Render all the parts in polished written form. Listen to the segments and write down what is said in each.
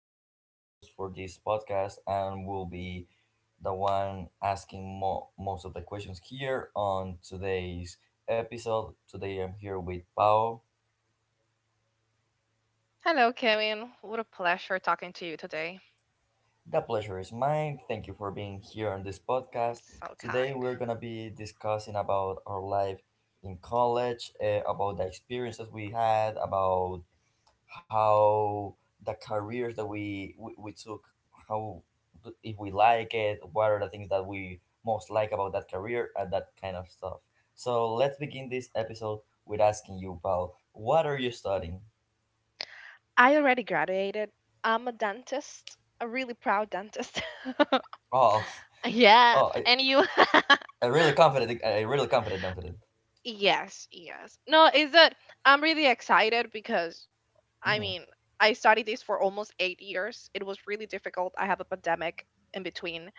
will be your host for this podcast and will be the one asking most of the questions here on today's episode. Today I'm here with Pau. Hello, Kevin. What a pleasure talking to you today. The pleasure is mine. Thank you for being here on this Oh, podcast. so Today kind. we're going to be discussing about our life in college, about the experiences we had, about how the careers that we took, how if we like it, what are the things that we most like about that career and that kind of stuff. So let's begin this episode with asking you, Paul, what are you studying? I already graduated. I'm a dentist, a really proud dentist. Oh, Yeah, oh, I, and you. I really confident. I really confident. Yes, yes. No, is that I'm really excited because I Mm-hmm. mean, I studied this for almost 8 years. It was really difficult. I have a pandemic in between,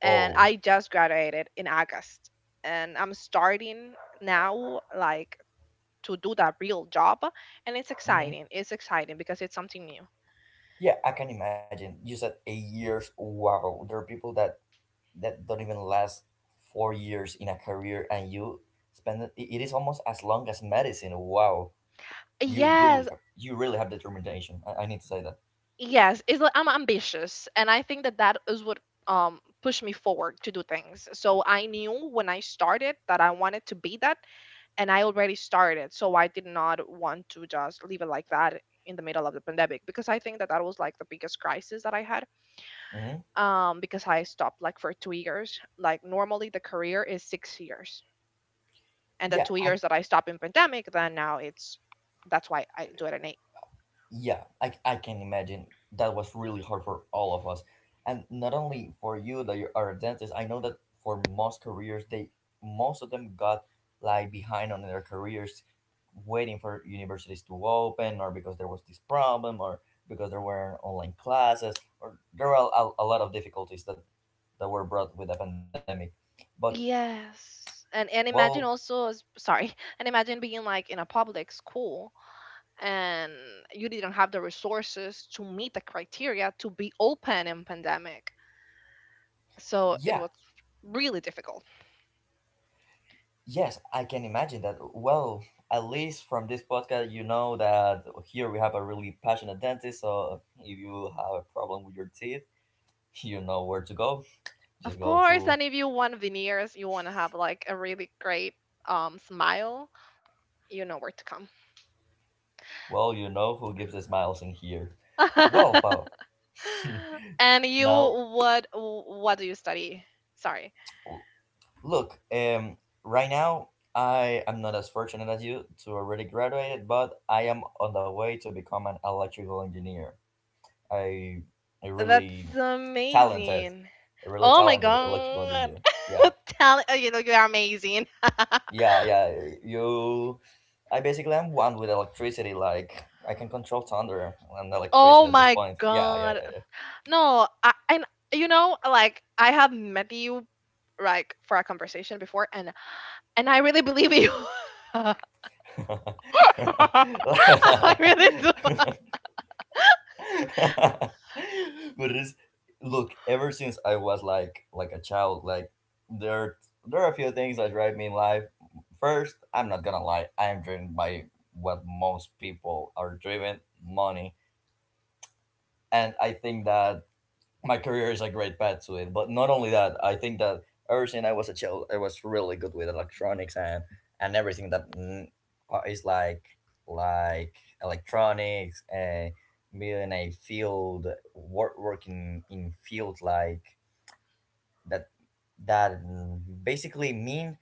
and Oh, I just graduated in August. And I'm starting now, like, to do that real job, and it's mm-hmm. exciting it's exciting because it's something new. Yeah, I can imagine. You said 8 years. Wow, there are people that don't even last 4 years in a career and you spend it, is almost as long as medicine. Wow, you really Yes, have you Really have determination. I need to say that. yes, it's like I'm ambitious, and I think that that is what pushed me forward to do things. So I knew when I started that I wanted to be that, and I already started, so I did not want to just leave it like that in the middle of the pandemic, because I think that that was like the biggest crisis that I had. Hmm. Because I stopped like for 2 years, like normally the career is 6 years, and the yeah two i years that I stopped in pandemic, then now it's that's why I do it at eight. Yeah, I can imagine that was really hard for all of us. And not only for you that you are a dentist, I know that for most careers they most of them got like behind on their careers waiting for universities to open or because there was this problem or because there were online classes or there were a lot of difficulties that were brought with the pandemic. But Yes. And well, imagine also, sorry, and imagine being like in a public school and you didn't have the resources to meet the criteria to be open in pandemic. So it yeah, was really difficult. yes, I can imagine that. Well, at least from this podcast, you know that here we have a really passionate dentist. So if you have a problem with your teeth, you know where to go. Of Just go course, to, and if you want veneers, you want to have like a really great smile, you know where to come. well, you know who gives the smiles in here. Well, Pau, And you, now what do you study? Sorry. look, right now I am not as fortunate as you to already graduate, but I am on the way to become an electrical engineer. I I really That's talented, amazing. a really Oh my talented electrical god. engineer. Yeah, Talent, you are amazing. yeah, yeah. You, I basically am one with electricity. Like I can control thunder and electricity Oh at this my point. Yeah, yeah, god. No, I, and like I have met you like for a conversation before, and I really believe you. yeah, yeah. I really do. But it's look. Ever since I was like a child, like there there are a few things that drive me in life. First, I'm not gonna lie. I am driven by what most people are driven money and I think that my career is a great path to it. But not only that, I think that ever since I was a child, I was really good with electronics and everything that is like electronics and being in a field work working in fields like that basically mean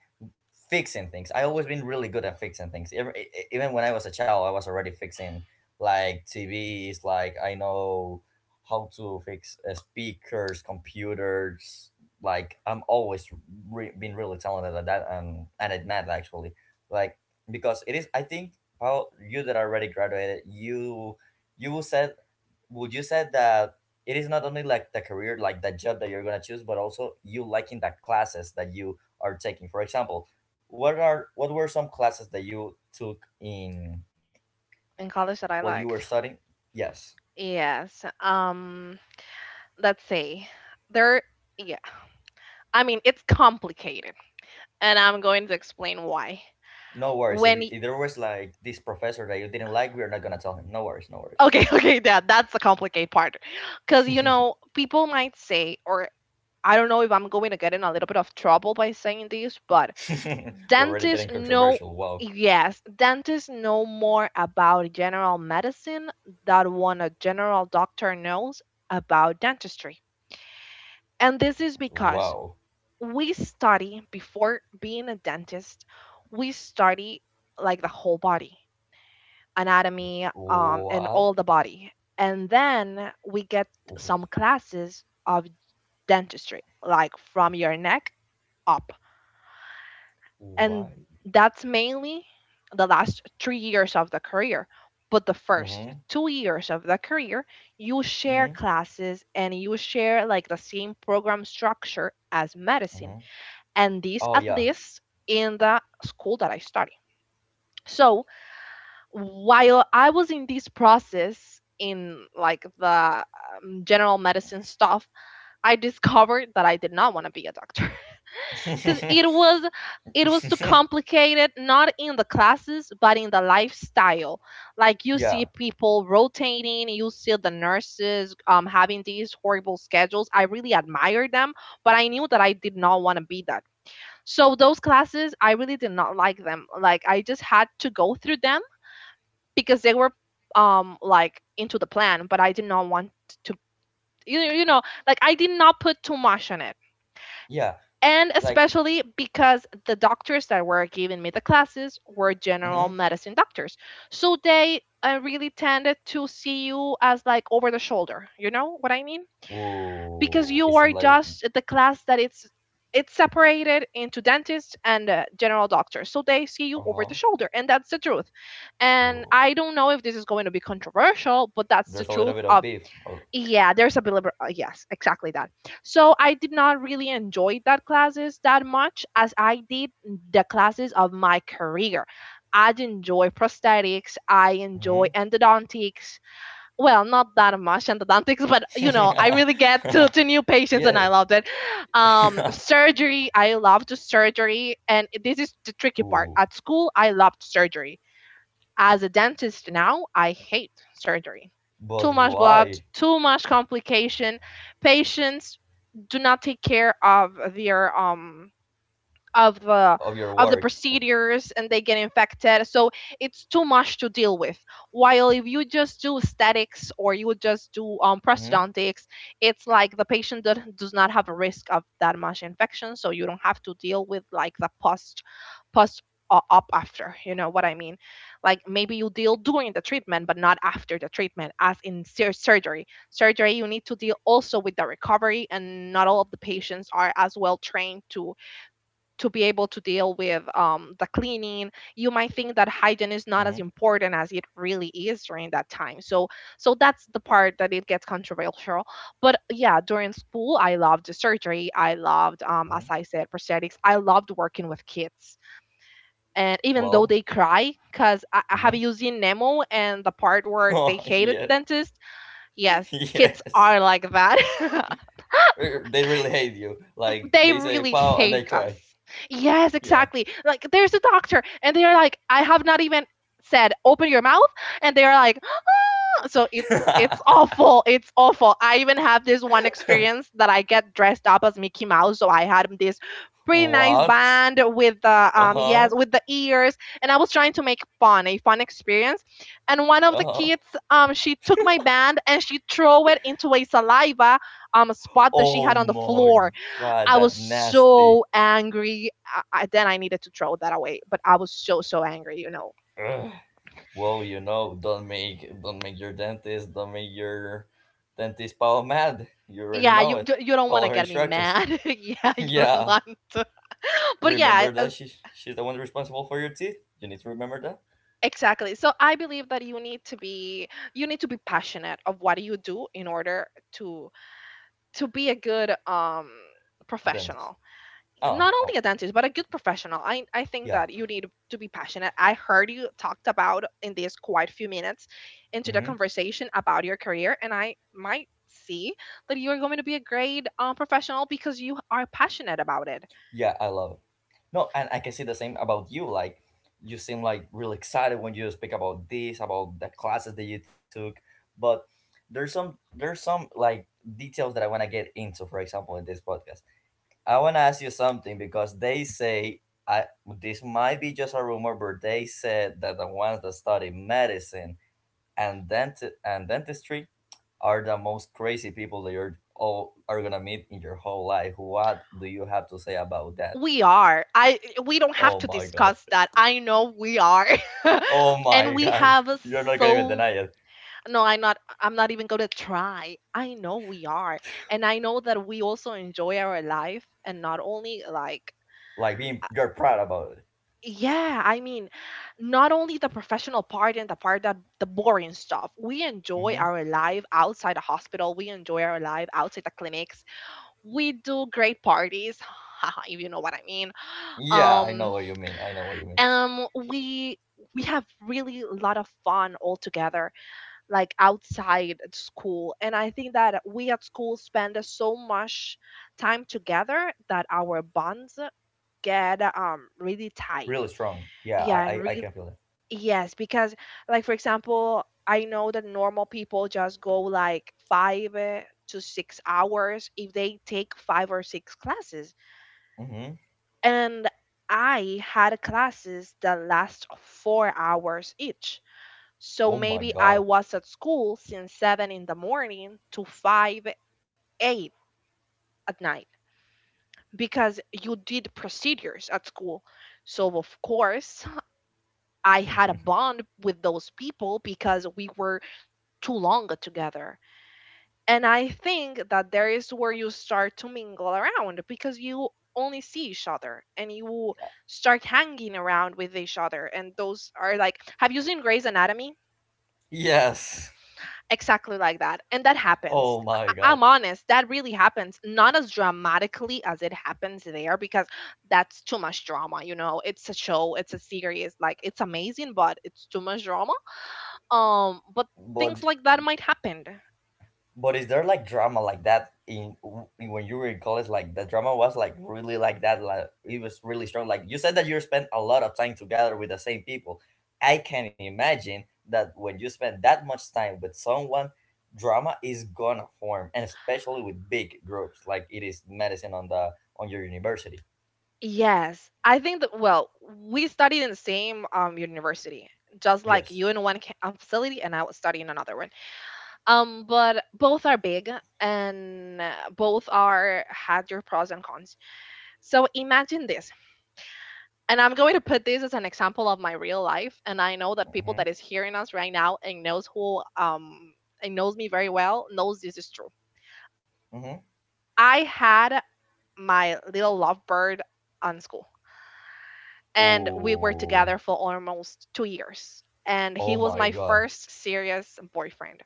fixing things. I always been really good at fixing things. Even when I was a child, I was already fixing like TVs. Like I know how to fix speakers, computers. Like I'm always been really talented at that and at math actually. Like because it is, I think, how you that already graduated, you will set would you say that it is not only like the career like the job that you're going to choose but also you liking the classes that you are taking? For example, what were some classes that you took in In college that I while you were liked. studying? Yes. Yes. Let's see. There. Yeah. I mean, it's complicated, and I'm going to explain why. No worries. if, When, if there was like this professor that you didn't like, we're not going to tell him. No worries, no worries. okay. Okay, yeah, that's the complicated part, because you know people might say, or I don't know if I'm going to get in a little bit of trouble by saying this, but We're already dentists getting know. controversial. Wow. Yes, dentists know more about general medicine than one a general doctor knows about dentistry. And this is because Wow. we study before being a dentist. We study like the whole body anatomy, and What? all the body. And then we get some classes of dentistry, like from your neck up. And Why? that's mainly the last 3 years of the career. But the first Mm-hmm. 2 years of the career, you share Mm-hmm. classes and you share like the same program structure as medicine. Mm-hmm. And this, Oh at yeah. least in the school that I study. So while I was in this process in like the, general medicine stuff, I discovered that I did not want to be a doctor. Because it was it was too complicated, not in the classes but in the lifestyle. Like, you see Yeah, people rotating, you see the nurses, having these horrible schedules. I really admired them, but I knew that I did not want to be that. So those classes, I really did not like them. Like, I just had to go through them because they were, like, into the plan, but I did not want to, you you know, like I did not put too much on it. yeah, And like especially because the doctors that were giving me the classes were general mm-hmm. medicine doctors. So they, really tended to see you as like over the shoulder. You know what I mean? Ooh, Because it seems you like are just the class that it's separated into dentists and, general doctors, so they see you uh over the huh. shoulder, and that's the truth. And Ooh, I don't know if this is going to be controversial, but that's the there's a little truth bit of of. beef. Oh, Yeah, there's a bill. Yes, exactly that. So I did not really enjoy that classes that much as I did the classes of my career. I enjoy prosthetics, I enjoy hmm. endodontics, well, not that much and endodontics, but I really get to new patients, and I Yeah. loved it. Um, surgery, I loved surgery, and this is the tricky part. Ooh, At school, I loved surgery. As a dentist now, I hate surgery. Too but much blood, why too much complication. Patients do not take care of their of the of your of the work? procedures, and they get infected, so it's too much to deal with, while if you just do aesthetics or you would just do, Mm-hmm. prosthodontics, it's like the patient that does not have a risk of that much infection, so you don't have to deal with like the post up after. You know what I mean? Like, maybe you deal during the treatment but not after the treatment, as in surgery. Surgery, you need to deal also with the recovery, and not all of the patients are as well trained to be able to deal with, the cleaning. You might think that hygiene is not as Mm-hmm. important as it really is during that time, so that's the part that it gets controversial. But yeah, during school I loved the surgery, I loved, as Hmm. I said, prosthetics, I loved working with kids, and even though Well. they cry, because I have Mm-hmm. you seen Nemo and the part where they Oh hated the yeah. dentist? Yes, kids Yes. are like that. They really hate you. Like They they say really pow and hate they us. cry. Yes, Yeah. exactly. Like, there's a doctor, and they are like, I have not even said, open your mouth, and they are like, "Huh," so it's awful. It's awful. I even have this one experience that I get dressed up as Mickey Mouse, so I had this pretty nice What? band with the Uh yes huh. with the ears, and I was trying to make fun a fun experience, and one of Uh the huh. kids, she took my band, and she threw it into a saliva, spot that she Oh had on the my floor. god, I was that nasty. so angry. Then I needed to throw that away, but I was so angry. Ugh. Well, you know, don't make your dentist, don't make your dentist pal mad. You already Yeah, know you it. Don't want Follow to her get me instructions. mad. Yeah, you don't Yeah, want to. But yeah, remember that she's the one responsible for your teeth. You need to remember that. exactly. So I believe that you need to be passionate of what you do in order to to be a good, Dentist. professional. Oh, Not only oh, a dentist, but a good professional. I think yeah. that you need to be passionate. I heard you talked about in these quite few minutes into the Mm-hmm. conversation about your career, and I might see that you are going to be a great, professional because you are passionate about it. Yeah, I love it. No, and I can see the same about you. Like, you seem like really excited when you speak about this, about the classes that you took. But there's some like details that I want to get into. For example, in this podcast I want to ask you something because they say I this might be just a rumor, but they said that the ones that study medicine and dentistry are the most crazy people that you're all are gonna meet in your whole life. What do you have to say about that? We are. I we don't have Oh to my god! discuss that. I know we are. Oh And my we god! have, You're not gonna even so deny it. no, I'm not even going to try. I know we are, and I know that we also enjoy our life, and not only like, Like being, you're proud about it. yeah, I mean, not only the professional part and the part that the boring stuff. We enjoy Mm-hmm. our life outside the hospital. We enjoy our life outside the clinics. We do great parties, if you know what I mean. Yeah, I know Um, what you mean. I know what you mean. um, we we have really a lot of fun all together, like outside at school. And I think that we at school spend so much time together that our bonds get, really tight. Really strong. Yeah, Yeah. And I can feel that. yes, because like for example, I know that normal people just go like 5, to 6 hours if they take five or six classes. Mm-hmm. And I had classes that last 4 hours each. So Oh my maybe I god. was at school since 7 in the morning to 5, 8 at night, because you did procedures at school. So of course, I had a bond with those people because we were too long together. And I think that there is where you start to mingle around because you only see each other, and you start hanging around with each other. And those are like, have you seen Grey's Anatomy? Yes. Exactly like that. And that happens. Oh my I- god. I'm honest, that really happens. Not as dramatically as it happens there, because that's too much drama. You know, it's a show, it's a series. Like, it's amazing, but it's too much drama. But things But like that might happen. but is there like drama like that in when you were in college? Like the drama was like really like that. Like it was really strong. Like you said that you spent a lot of time together with the same people. I can imagine that when you spend that much time with someone, drama is gonna form, and especially with big groups like it is medicine on the on your university. Yes, I think that, well, we studied in the same, university, just like Yes. you, in one facility, and I was studying in another one. But both are big, and, both are had your pros and cons. So imagine this, and I'm going to put this as an example of my real life, and I know that people Mm-hmm. that is hearing us right now and knows, who and knows me very well, knows this is true. Mm-hmm. I had my little lovebird on school, and we were Ooh. together for almost 2 years. And Oh he was my my god. first serious boyfriend.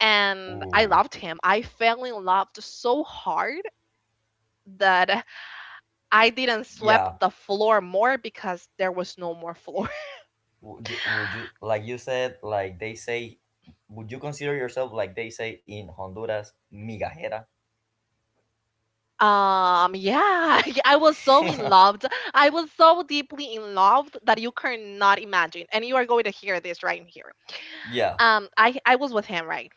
And I Ooh. loved him. I fell in love so hard that I didn't sweep Yeah. the floor more because there was no more floor. Would you like you said like they say would you consider yourself like they say in Honduras migajera? Yeah, I was so in love. I was so deeply in love that you cannot imagine. And you are going to hear this right here. Yeah. I was with him, right?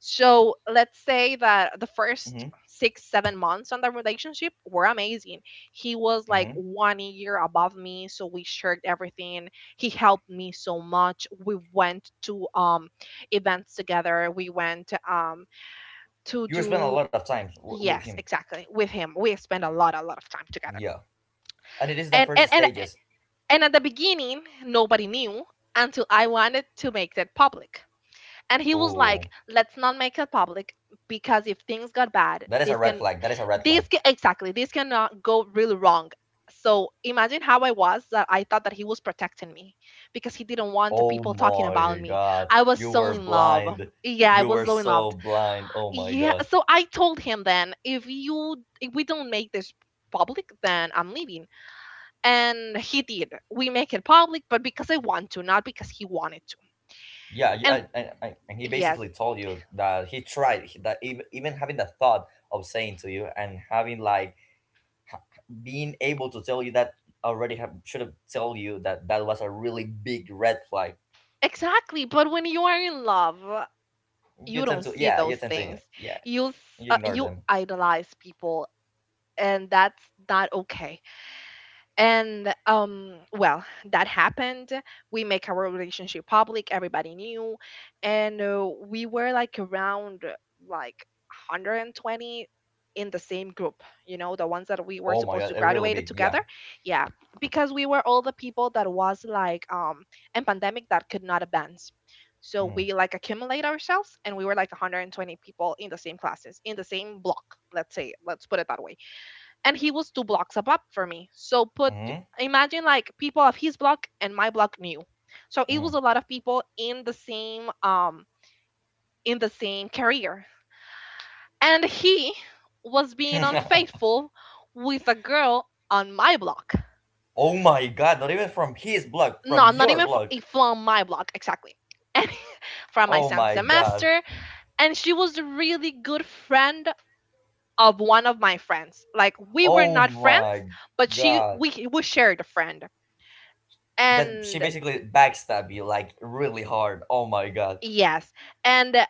So let's say that the first Hmm. six, 7 months on the relationship were amazing. He was like Hmm. one year above me, so we shared everything. He helped me so much. We went to events together. We went to You spend a do lot of time with yes, him. exactly, with him. We spent a lot of time Yeah, together. and it is the And first stages. At the beginning, nobody knew until I wanted to make that public, and he was Oh, like, let's not make it public because if things got bad that is a red flag, that is a red flag. this can, exactly, this cannot go really wrong. So imagine how I was, that I thought that he was protecting me because he didn't want the Oh people talking about my me. god, I was you so were in love, blind. yeah, I You was were so in love. so blind, oh my Yeah, god. so I told him, then if you if we don't make this public, then I'm leaving. And he did, we make it public, but because I want to, not because he wanted to. Yeah, And and he yes, basically told you that he tried that even, even having the thought of saying to you and having like being able to tell you that already have should have told you that that was a really big red flag. exactly, but when you are in love, You you tend don't to see yeah, you those tend to things. yeah, You s- you ignore you them. idolize people, and that's not okay. And well, that happened. We make our relationship public, everybody knew. And we were like around like 120 in the same group, you know, the ones that we were Oh my supposed to god, a really graduate big together. yeah. Yeah, because we were all the people that was like in pandemic that could not advance, so Hmm. we like accumulate ourselves, and we were like 120 people in the same classes in the same block, let's say, let's put it that way. And he was two blocks up for me. So put, Hmm. imagine like people of his block and my block knew. So it Hmm. was a lot of people in the same career. And he was being unfaithful with a girl on my block. Oh my god, not even from his blog, from No, not your even blog. from my block, exactly. And from my Oh same my god. semester, and she was a really good friend of one of my friends. Like we were Oh not friends, my but she god. We shared a friend. That she And basically backstabbed you like really hard. Oh my god. yes. And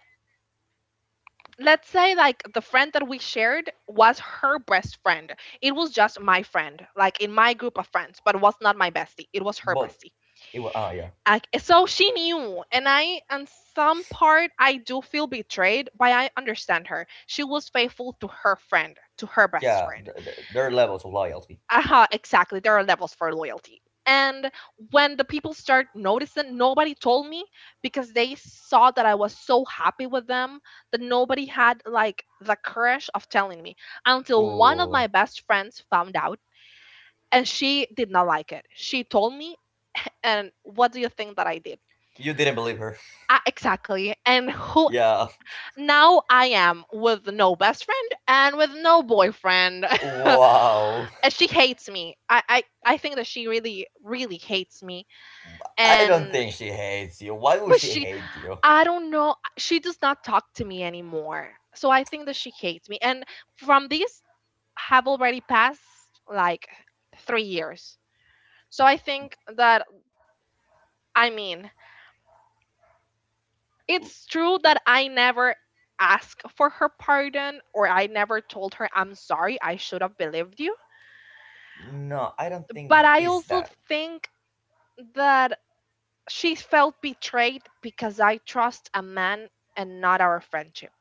let's say like the friend that we shared was her best friend. It was just my friend, like in my group of friends, but was not my bestie. It was her But bestie. it was ah yeah Like so she knew. And I, on some part, I do feel betrayed, but I understand her. She was faithful to her friend, to her best yeah. friend. There are levels of loyalty. Uh-huh, exactly. There are levels for loyalty. And when the people start noticing, nobody told me because they saw that I was so happy with them, that nobody had like the courage of telling me, until one of Ooh, my best friends found out and she did not like it. She told me, and what do you think that I did? you didn't believe her. Exactly. And who, Yeah. now I am with no best friend and with no boyfriend. Wow. And she hates me. I think that she really really hates me. I don't And think she hates you. Why would but she she, hate you? I don't know. She does not talk to me anymore. So I think that she hates me. And from these have already passed like 3 years. So I think that, I mean, it's true that I never asked for her pardon, or I never told her I'm sorry, I should have believed you. No, I don't think But I it's also that. think that she felt betrayed because I trust a man and not our friendship,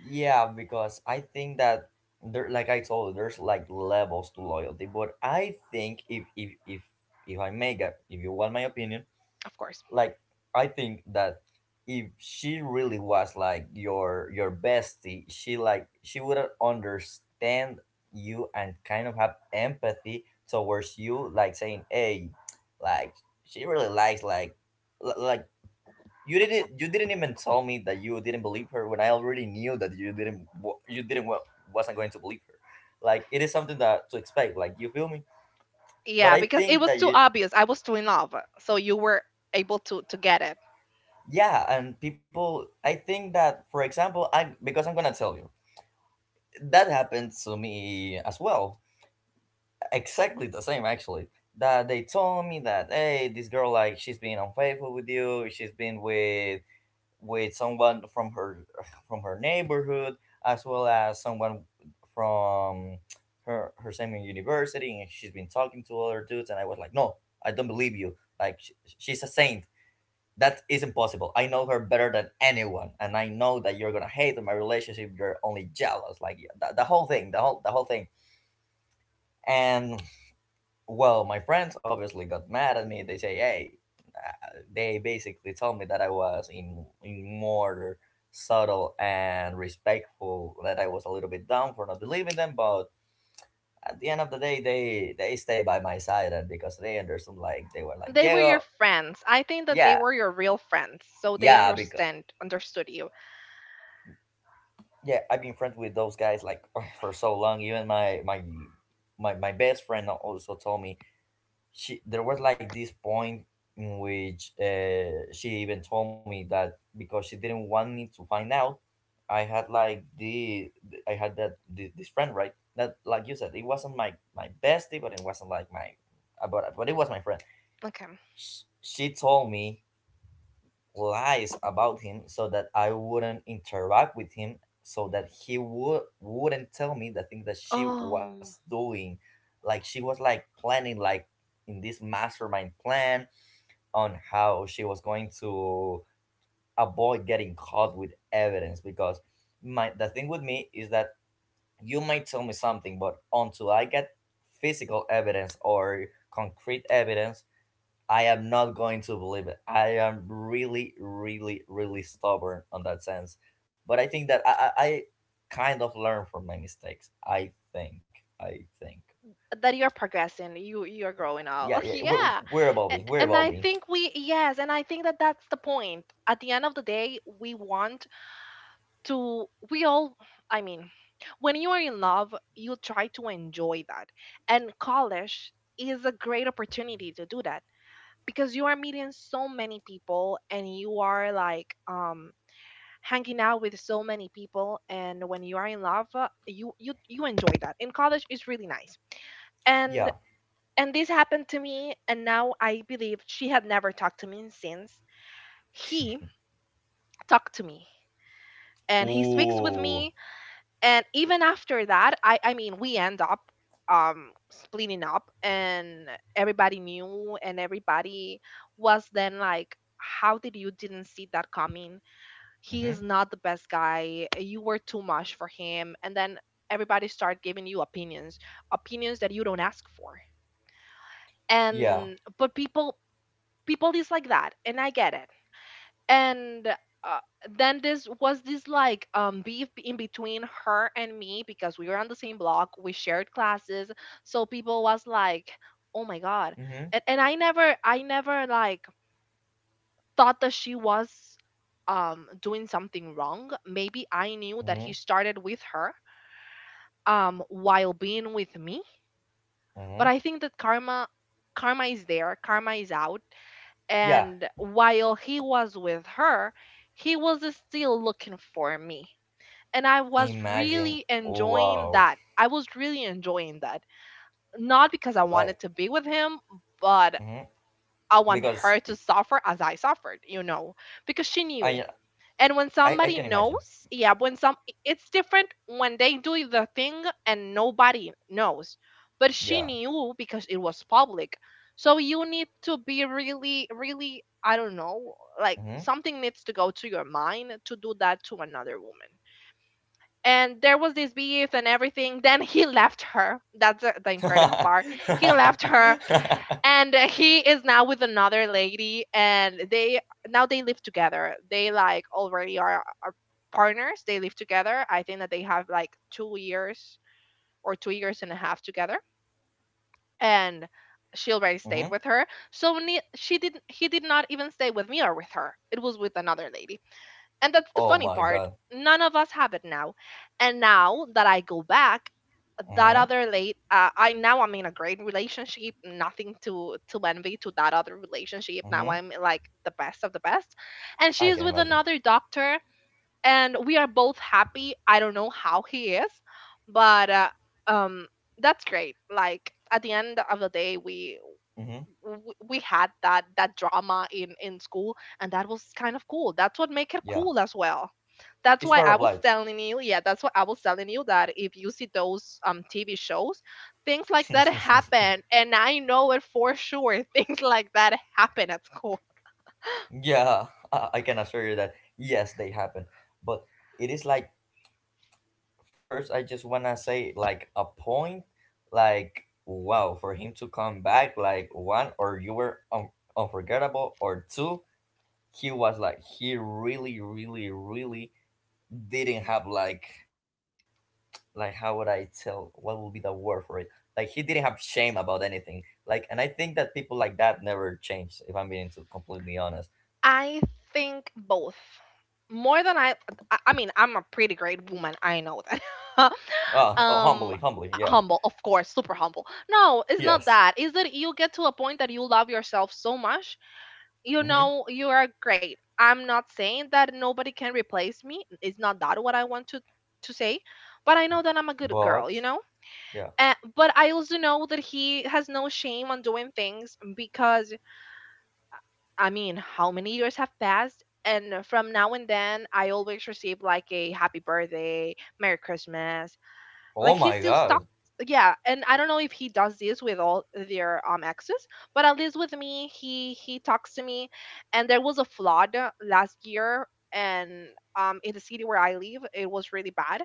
Yeah, because I think that there like I told you, there's like levels to loyalty. But I think if I make a if you want my opinion, of course. like I think that if she really was like your bestie, she like she would understand you and kind of have empathy towards you, like saying, "Hey, like she really likes like like." You didn't. You didn't even tell me that you didn't believe her when I already knew that you didn't. You didn't wasn't going to believe her. Like it is something that to expect. Like you feel me. But Yeah, I because it think was that too you obvious. I was too in love. So you were able to get it. yeah, and people, I think that, for example, I because I'm gonna tell you that happened to me as well, exactly the same actually. That they told me that hey, this girl like she's been unfaithful with you, she's been with someone from her neighborhood as well as someone from her her same university, and she's been talking to other dudes, and I was like, no, I don't believe you. Like she's a saint that is impossible. I know her better than anyone, and I know that you're gonna hate my relationship. You're only jealous, like yeah, the whole thing, the whole thing. And well, my friends obviously got mad at me. They say, "Hey," they basically told me that I was in more subtle and respectful. That I was a little bit dumb for not believing them, but at the end of the day, they stay by my side, and because they understood, like they were like They were your Diego. friends. I think that they Yeah, were your real friends. So they yeah, because understand understood you. yeah, I've been friends with those guys like for so long. Even my best friend also told me she there was like this point in which she even told me that because she didn't want me to find out. i had like the I had that this friend, right? That like you said, it wasn't my bestie, but it wasn't like my but it was my friend. Okay. She told me lies about him so that I wouldn't interact with him, so that he wouldn't tell me the thing that she was Oh, doing. Like she was like planning like in this mastermind plan on how she was going to avoid getting caught with evidence. Because my the thing with me is that you might tell me something, but until I get physical evidence or concrete evidence, I am not going to believe it. I am really, really, really stubborn on that sense. But I think that I kind of learn from my mistakes, I think. I think. that you're progressing. You you're growing up. Yeah, Oh, yeah. We're, yeah. we're A- evolving. We're And I evolving. think we yes, and I think that that's the point. At the end of the day, we want to, we all, I mean, when you are in love, you try to enjoy that, and college is a great opportunity to do that, because you are meeting so many people, and you are like hanging out with so many people, and when you are in love, you you you enjoy that in college, it's really nice. And Yeah. This happened to me, and now I believe she had never talked to me since. He talked to me, and he speaks with Ooh. me. And even after that, I mean, we end up splitting up, and everybody knew, and everybody was then like, how did you didn't see that coming? He Mm-hmm. is not the best guy, you were too much for him. And then everybody start giving you opinions, opinions that you don't ask for. Yeah. And but people, people is like that, and I get it. And uh, then this was this like beef in between her and me, because we were on the same block, we shared classes. So people was like, oh my god. Mm-hmm. And I never like thought that she was doing something wrong. Maybe I knew that Mm-hmm. he started with her while being with me, but Mm-hmm. I think that karma, karma is there, karma is out. Yeah. And while he was with her, he was still looking for me. And I was really Imagine. Oh, enjoying wow. that. I was really enjoying that. Not because I wanted Like, to be with him, but mm-hmm, I want because her to suffer as I suffered, you know. Because she knew, I, and when I somebody can imagine. knows, yeah, when some, it's different when they do the thing and nobody knows, but she Yeah. knew because it was public. So you need to be really really, I don't know, like Mm-hmm. something needs to go to your mind to do that to another woman. And there was this beef and everything, then he left her. That's the incredible part. He left her, and he is now with another lady, and they now they live together. They like already are partners, they live together. I think that they have like 2 years, or 2 years and a half together. And she already Mm-hmm. stayed with her. So she didn't, he did not even stay with me or with her, it was with another lady. And that's the Oh my funny god. part. None of us have it now. And now that I go back, that Mm-hmm, other late, I, now I'm in a great relationship. Nothing to to envy to that other relationship. mm-hmm. Now I'm like the best of the best, and I can she's with imagine. another doctor, and we are both happy. I don't know how he is, but um, that's great. Like at the end of the day, we Mm-hmm. w- we had that that drama in school, and that was kind of cool. That's what make it Yeah, cool as well. That's it's why part I of was life. telling you, yeah, that's why I was telling you that if you see those TV shows, things like that happen, and I know it for sure. Things like that happen at school. Yeah, I can assure you that yes, they happen. But it is like, first, I just wanna say like a point, like wow, for him to come back, like one, or you were unforgettable, or two, he was like he really, really, really didn't have like how would I tell, what would be the word for it? Like he didn't have shame about anything. Like, and I think that people like that never change, if I'm being to completely honest. I think both, more than I, mean, I'm a pretty great woman, I know that. Ah, oh, um humbly, humbly, yeah. Humble, of course, super humble. No, it's not Yes. that. It's that you get to a point that you love yourself so much, you Mm-hmm. know. You are great. I'm not saying that nobody can replace me, it's not that what I want to say. But I know that I'm a good girl, you But know. yeah. But I also know that he has no shame on doing things, because, I mean, how many years have passed, and from now and then I always receive like a happy birthday, merry christmas. Oh Like he's my still stuck. god. Yeah, and I don't know if he does this with all their exes, but at least with me he talks to me. And there was a flood last year, and in the city where I live, it was really bad.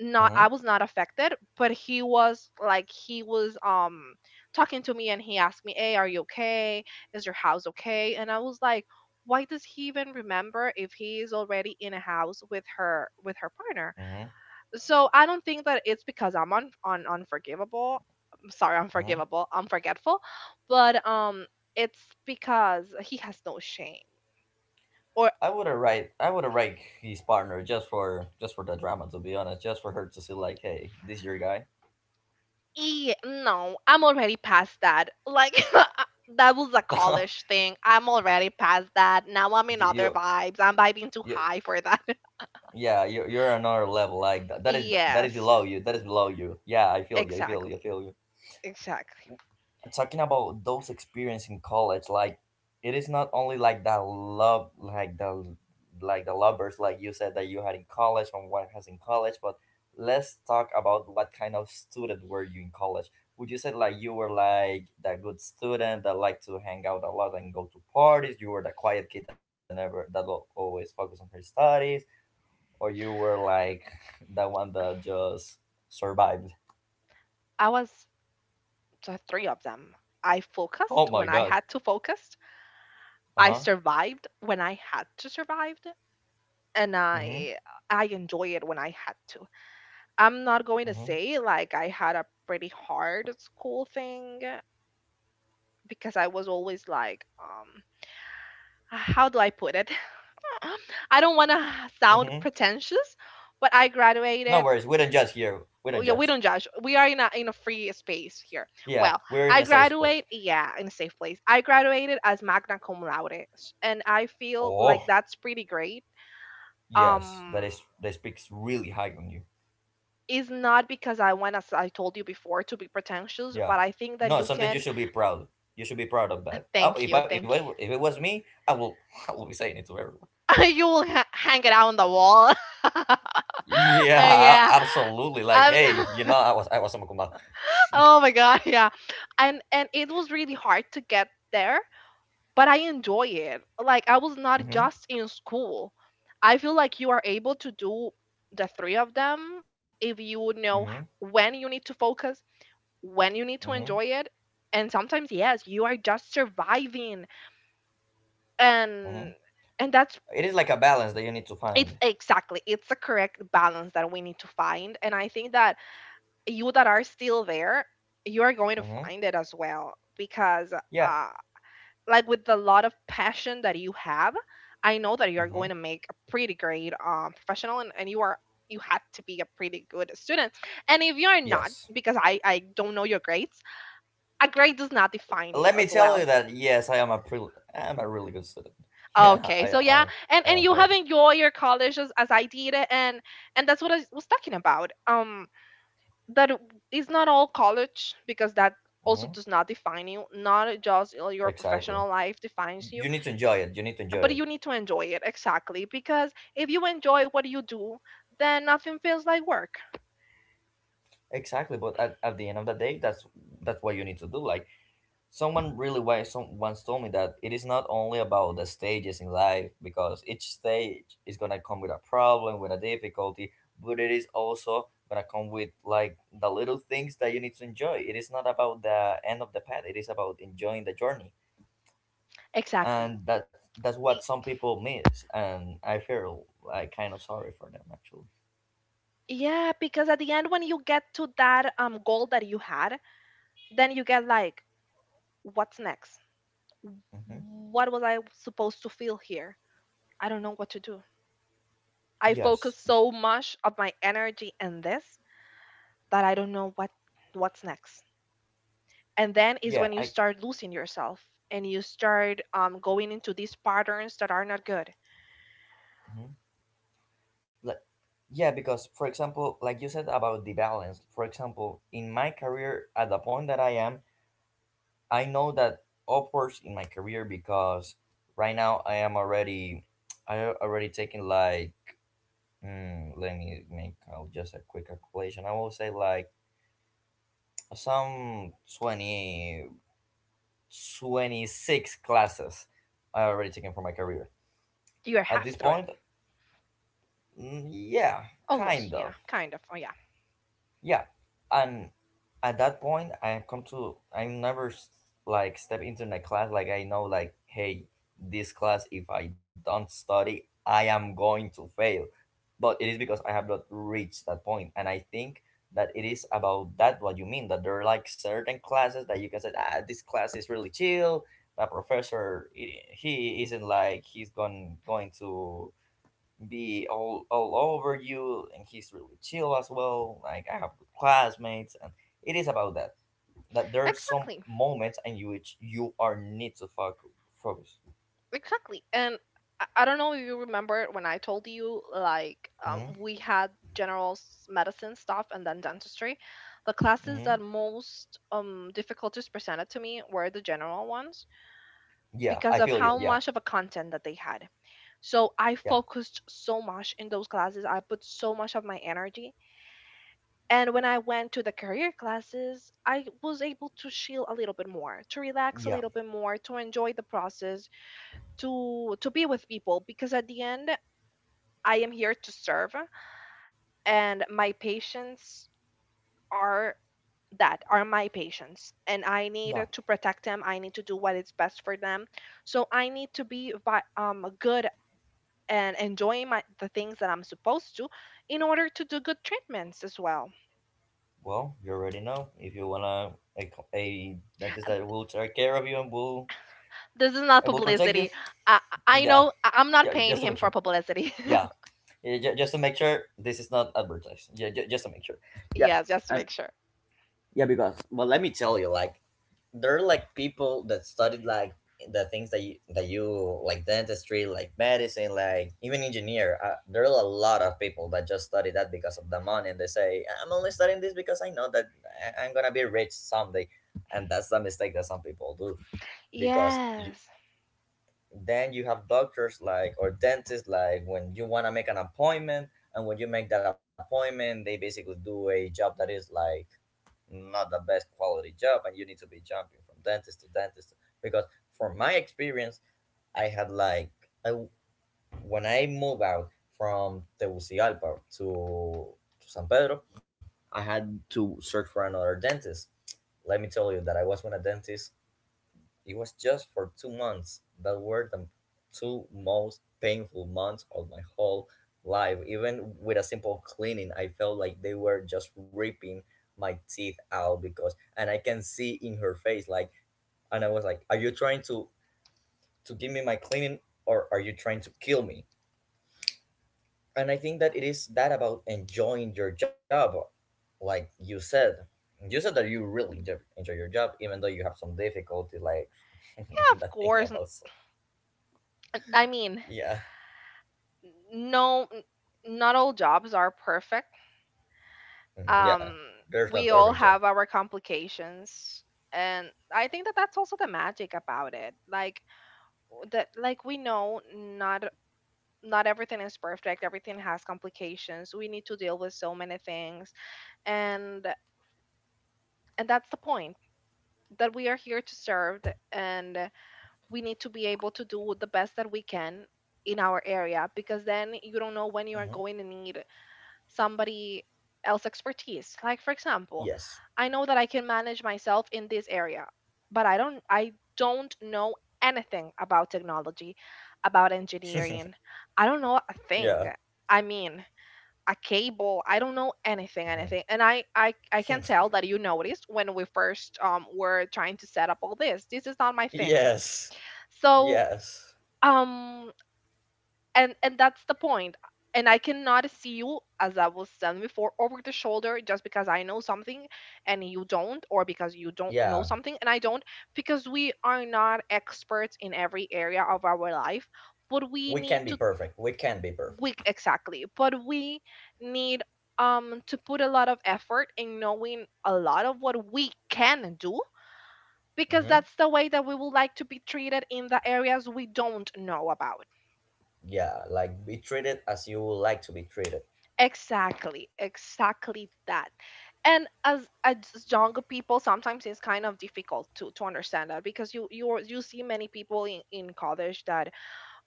Not, I Mm-hmm. was not affected, but he was like, he was talking to me and he asked me, hey, are you okay, is your house okay? And I was like, why does he even remember if he is already in a house with her, with her partner? Mm-hmm. So I don't think that it's because I'm on unforgivable. I'm sorry, Mm-hmm. unforgivable. I But it's because he has no shame. Or, I would have write his partner just for the drama, to be honest, just for her to see like, hey, this your guy. e no, I'm already past that. Like that was a college thing. I'm already past that. Now I'm in other you, vibes. I'm vibing too you high for that. Yeah, you're another level. Like that is Yes, below you. That is below you. Yeah, I feel you. I feel you. I exactly, feel you. exactly. And talking about those experience in college, like it is not only like that love, like the, like the lovers, like you said that you had in college and what has in college. But let's talk about what kind of student were you in college. Would you say like you were like that good student that liked to hang out a lot and go to parties? You were the quiet kid that never, that always focused on her studies, or you were like that one that just survived. I was the three of them. I Oh focused my when I god. had to focus. Uh I huh. survived when I had to survive. and I Mhm. I enjoy it when I had to. I'm not going to Mhm. say like I had a pretty hard school thing because I was always like, how do I put it? I don't want to sound Mhm. pretentious, but I No graduated. worries, we don't judge here. We Oh, don't yeah, we judge. don't judge. We are in a free space here. Well, Yeah, we're I in a safe graduate, place. yeah, in a safe place. I graduated as magna cum laude, and I feel like Oh, that's pretty great. yes, that Um, is, that speaks really high on you. is not because I want, as I told you before, to be pretentious, Yeah. but I think that No, you something you can. should be proud. You should be proud of that. Oh, Thank if you, I, thank if it was me, I will I will be saying it to everyone. you. you will hang it out on the wall. Yeah, yeah. absolutely. Like, hey, you I'm know, I so- was a cum laude. oh my god, yeah. And it was really hard to get there, but I enjoy it. Like I was not Mm-hmm, just in school. I feel like you are able to do the three of them if you mm-hmm, know when you need to focus, when you mm-hmm, need to enjoy it, and sometimes yes you are just surviving, mm-hmm. and and that's It is like a balance that you need to find. it's exactly, it's the correct balance that we need to find. And I think that you that are still there, you are going to Mm-hmm. find it as well because Yeah. uh like with the lot of passion that you have, I know that you are Mm-hmm. going to make a pretty great professional, and you are, you had to be a pretty good student. And if you are not, Yes. because I don't know your grades, a grade does not define you Let me as tell well. you that yes, I am a I am a really good student. Yeah, Okay, so I yeah, am. and I and am. you I am. have enjoyed your college as I did, and that's what I was talking about. That is not all college, because that also Mm-hmm. does not define you. Not just you, your Exactly. professional life defines you, You need to enjoy it. You need to enjoy but you it. need to enjoy it exactly, because if you enjoy what you do, then nothing feels like work. Exactly. But at the end of the day, that's what you need to do. Like, someone really wa- some once told me that it is not only about the stages in life, because each stage is gonna come with a problem, with a difficulty, but it is also gonna come with like the little things that you need to enjoy. It is not about the end of the path. It is about enjoying the journey, Exactly. and that's what Y- some people miss. And I feel like kind of sorry for them, actually. Yeah, because at the end when you get to that goal that you had, then you get like, what's next? Hmm. What was I supposed to feel here? I don't know what to do. I focus Yes, so much of my energy in this that I don't know what's next. And then is yeah, when you I. start losing yourself, and you start going into these patterns that are not good. Mhm. Like, yeah, because for example, like you said about the balance, for example, in my career, at the point that I am, I know that upwards in my career because right now I am already, I already taking like, mm, let me make just a quick calculation. I will say like some 20, 26 classes I already taken for my career You're at half this through it, point. Mm, yeah, almost. kind Yeah, of. kind of. Oh yeah, Yeah. And at that point I have come to, I never s- like step into my class like I know like, hey, this class if I don't study I am going to fail, but it is because I have not reached that point. And I think that it is about that, what you mean, that there are like certain classes that you can say, ah, this class is really chill, that professor, he isn't like he's going to be all over you, and he's really chill as well. Like, I have good classmates, and it is about that, that there are some exactly, moments in which you are need to focus. exactly. And I don't know if you remember when I told you Hmm. we had general medicine stuff and then dentistry. The classes Hmm. that most difficulties presented to me were the general ones Yeah, because I of feel you. how Yeah, much of a content that they had. So I yeah, focused so much in those classes. I put so much of my energy. And when I went to the career classes, I was able to chill a little bit more, to relax a yeah, little bit more, to enjoy the process, to be with people because at the end I am here to serve and my patients are, that are my patients, and I need yeah. to protect them. I need to do what is best for them. So I need to be good and enjoying my the things that I'm supposed to, in order to do good treatments as well. Well, you already know, if you wanna a dentist that will take care of you This is not and will protect you. publicity. I I Yeah, know I'm not yeah. paying Just to him make for sure. publicity. Yeah, yeah, just to make sure this is not advertised. Yeah, just to make sure. Yeah, yes, just to and make sure. yeah, because, well, let me tell you, like, there are like people that studied like the things that you like dentistry, like medicine, like even engineer. There are a lot of people that just study that because of the money, and they say, I'm only studying this because I know that I'm gonna be rich someday. And that's the mistake that some people do, because you, Yes. then you have doctors like, or dentists like, when you want to make an appointment, and when you make that appointment they basically do a job that is like not the best quality job, and you need to be jumping from dentist to dentist, because from my experience, I had like, I, when I moved out from Tegucigalpa to San Pedro, I had to search for another dentist. Let me tell you that I was with a dentist. It was just for 2 months that were the two most painful months of my whole life. Even with a simple cleaning, I felt like they were just ripping my teeth out, because, and I can see in her face, like, and I was like, "Are you trying to give me my cleaning, or are you trying to kill me?" And I think that it is that about enjoying your job, like you said. You said that you really enjoy your job, even though you have some difficulties, like Yeah, of that course. Thing about I mean, yeah. no n- not all jobs are perfect. Mhm. Yeah, Um there's we no all perfect have jump. our complications, and I think that that's also the magic about it. Like that like we know, not not everything is perfect, everything has complications, we need to deal with so many things. and and that's the point, that we are here to serve, and we need to be able to do the best that we can in our area, because then you don't know when you are Hmm. going to need somebody else expertise. Like for example, Yes. I know that I can manage myself in this area, but I don't know anything about technology, about engineering. I don't know a thing. Yeah. I mean, a cable, I don't know anything, Hmm. anything. And I can tell that you noticed when we first were trying to set up all this, this is not my thing. Yes. So Yes. um and that's the point. And I cannot see you, as I was saying before, over the shoulder just because I know something and you don't, or because you don't know Yeah. something and I don't, because we are not experts in every area of our life, but we We need can be to. perfect. We can be perfect. Week exactly, but we need to put a lot of effort in knowing a lot of what we can do, because Hmm. that's the way that we would like to be treated in the areas we don't know about. Yeah. Like, be treated as you would like to be treated. Exactly, exactly that. And as younger people, sometimes it's kind of difficult to understand that, because you see many people in college that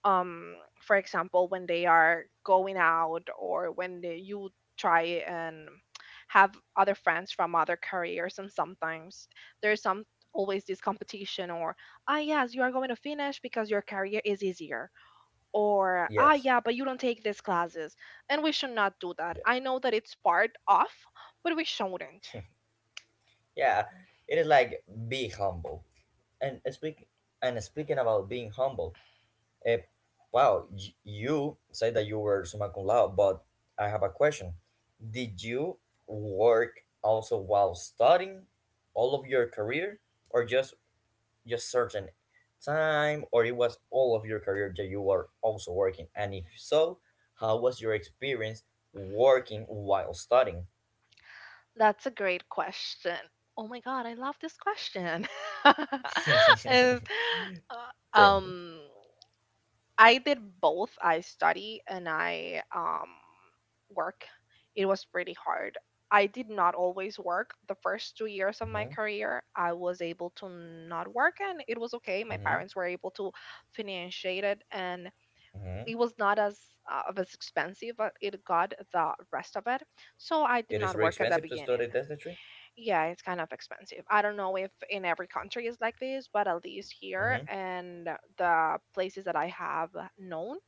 um for example, when they are going out or when they, you try and have other friends from other careers, and sometimes there's some, always this competition, or ah yes, you are going to finish because your career is easier, or ah Yes. yeah, but you don't take these classes, and we should not do that. I Yeah. know that it's part of, but we shouldn't. Yeah. It is like, be humble. And speak, and speaking about being humble, eh, wow, you said that you were summa cum laude, but I have a question. Did you work also while studying all of your career, or just certain time, or it was all of your career that you were also working? And if so, how was your experience working while studying? That's a great question. Oh my god, I love this question. Is- Thank uh, you. um I did both. I study and I work. It was pretty hard. I did not always work. The first 2 years of my Mm-hmm, career, I was able to not work, and it was okay. My mm-hmm, parents were able to financiate it, and mm-hmm. it was not as of as expensive, but it got the rest of it. So I did It is not very work at the expensive to beginning. study dentistry. Yeah, it's kind of expensive. I don't know if in every country is like this, but at least Mm-hmm, here and the places that I have known,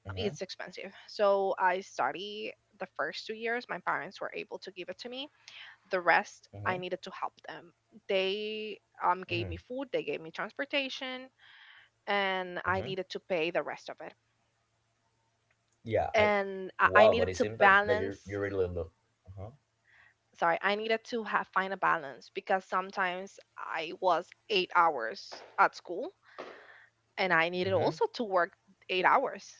mm-hmm, it's expensive. So I study the first 2 years. My parents were able to give it to me. The rest, mm-hmm, I needed to help them. They mm-hmm, gave me food, they gave me transportation, mm-hmm. and I needed to pay the rest of it. Yeah, I. And Wow, but it I seems needed that, to that you're, you balance. really look. Uh-huh. Sorry, I needed to have find a balance because sometimes I was 8 hours at school, and I Mm-hmm. needed also to work 8 hours.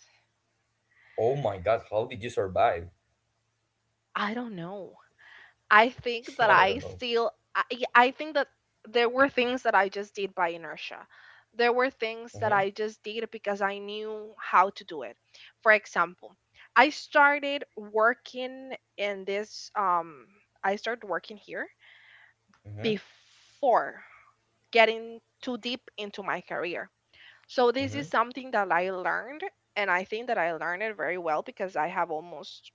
Oh my God, how did you survive? I don't know. I I think don't that know. I still I think that there were things that I just did by inertia. There were things that Mm-hmm. I just did because I knew how to do it. For example, I started working in this um I started working here Mm-hmm. before getting too deep into my career. So this is Mm-hmm. something that I learned, and I think that I learned it very well because I have almost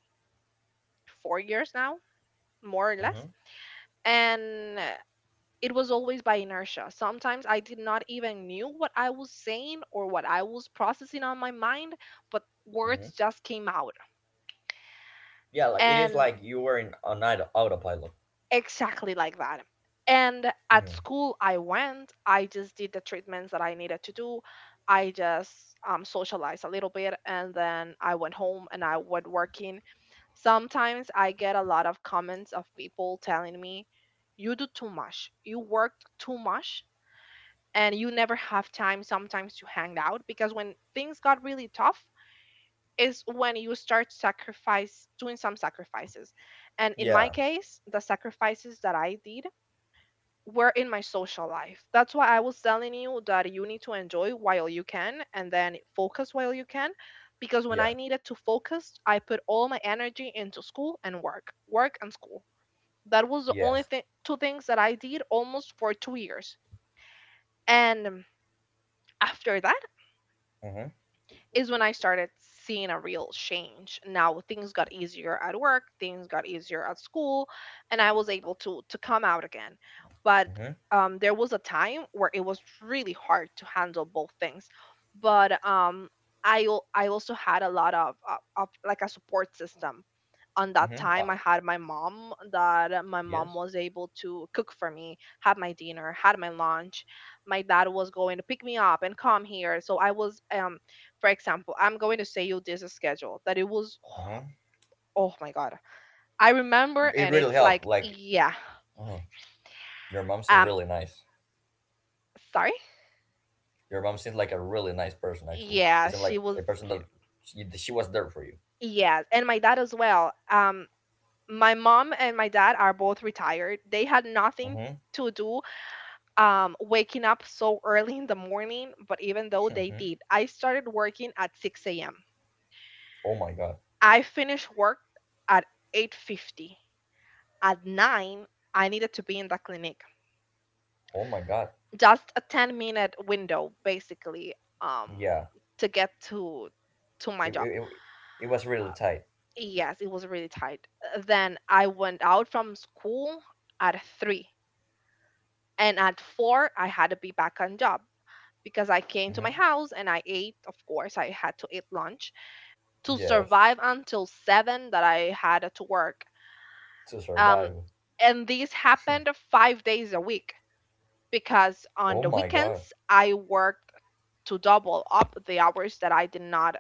4 years now, more or less. Mm-hmm. And it was always by inertia. Sometimes I did not even knew what I was saying or what I was processing on my mind, but words Mm-hmm. just came out. Yeah, like, it is And like you were in on autopilot. exactly like that. And at Mm-hmm. school I went, I just did the treatments that I needed to do. I just socialized a little bit, and then I went home and I went working. Sometimes I get a lot of comments of people telling me, you do too much. You worked too much, and you never have time sometimes to hang out, because when things got really tough is when you start sacrifice, doing some sacrifices. And in my Yeah. case, the sacrifices that I did were in my social life. That's why I was telling you that you need to enjoy while you can, and then focus while you can, because when I Yeah. needed to focus, I put all my energy into school and work, work and school. That was the only Yes. thing, two things that I did almost for 2 years. And after that Mm-hmm. is when I started seeing a real change. Now things got easier at work, things got easier at school, and I was able to come out again. But Mm-hmm. There was a time where it was really hard to handle both things. But um, I also had a lot of like a support system. On that Mm-hmm. time, I had my mom. That my mom Yes. was able to cook for me, had my dinner, had my lunch. My dad was going to pick me up and come here, so I was for example, I'm going to say you this schedule that it was Mm-hmm. oh my god. I remember It and really it's helped. like Like, yeah. uh, your mom seemed Um really nice. sorry? Your mom seems like a really nice person. Actually, Yeah, isn't she like was, a person that she was there for you. yeah, and my dad as well. My mom and my dad are both retired. They had nothing Mm-hmm. to do waking up so early in the morning, but even though they Mm-hmm. did, I started working at 6 a.m. Oh my God. I finished work at 8:50. At 9, I needed to be in the clinic. Oh my God. Just a 10-minute window basically, um Yeah, to get to my job. It, it was uh, really tight. yes, it was really tight. Then I went out from school at 3, and at 4 I had to be back on job, because I came to my Mm-hmm. house and I ate, of course. I had to eat lunch to Yes, survive until 7, that I had to work. to um survive. and this happened 5 days a week, because Oh on the my god. weekends I worked to double up the hours that I did not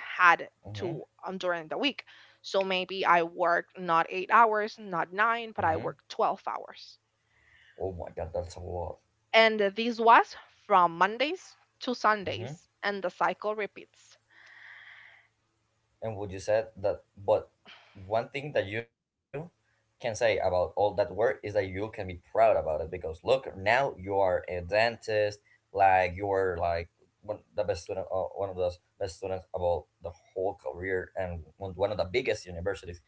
had Mm-hmm. to, during the week. So maybe I worked not 8 hours, not nine, but I Mm-hmm. worked 12 hours. Oh my god, that's a lot. And this was from Mondays to Mm-hmm. Sundays, and the cycle repeats And what you said that, but one thing that you can say about all that work is that you can be proud about it, because look, now you are a dentist, like you're like one the best student, one of the best students about the whole career and one of the biggest universities,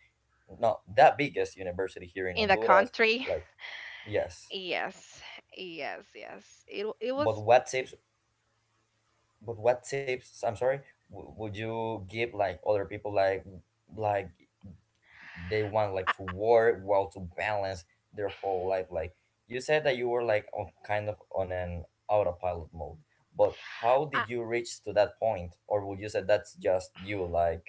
not the biggest university here in in the Honduras. country. Like, yes, Yes, yes, yes. It but was. what tips? But what tips? I'm sorry. Would you give like other people like they want like I, to work while to balance their whole life? Like, you said that you were like on kind of on an autopilot mode. But how I, did you reach to that point, or would you say that's just you, like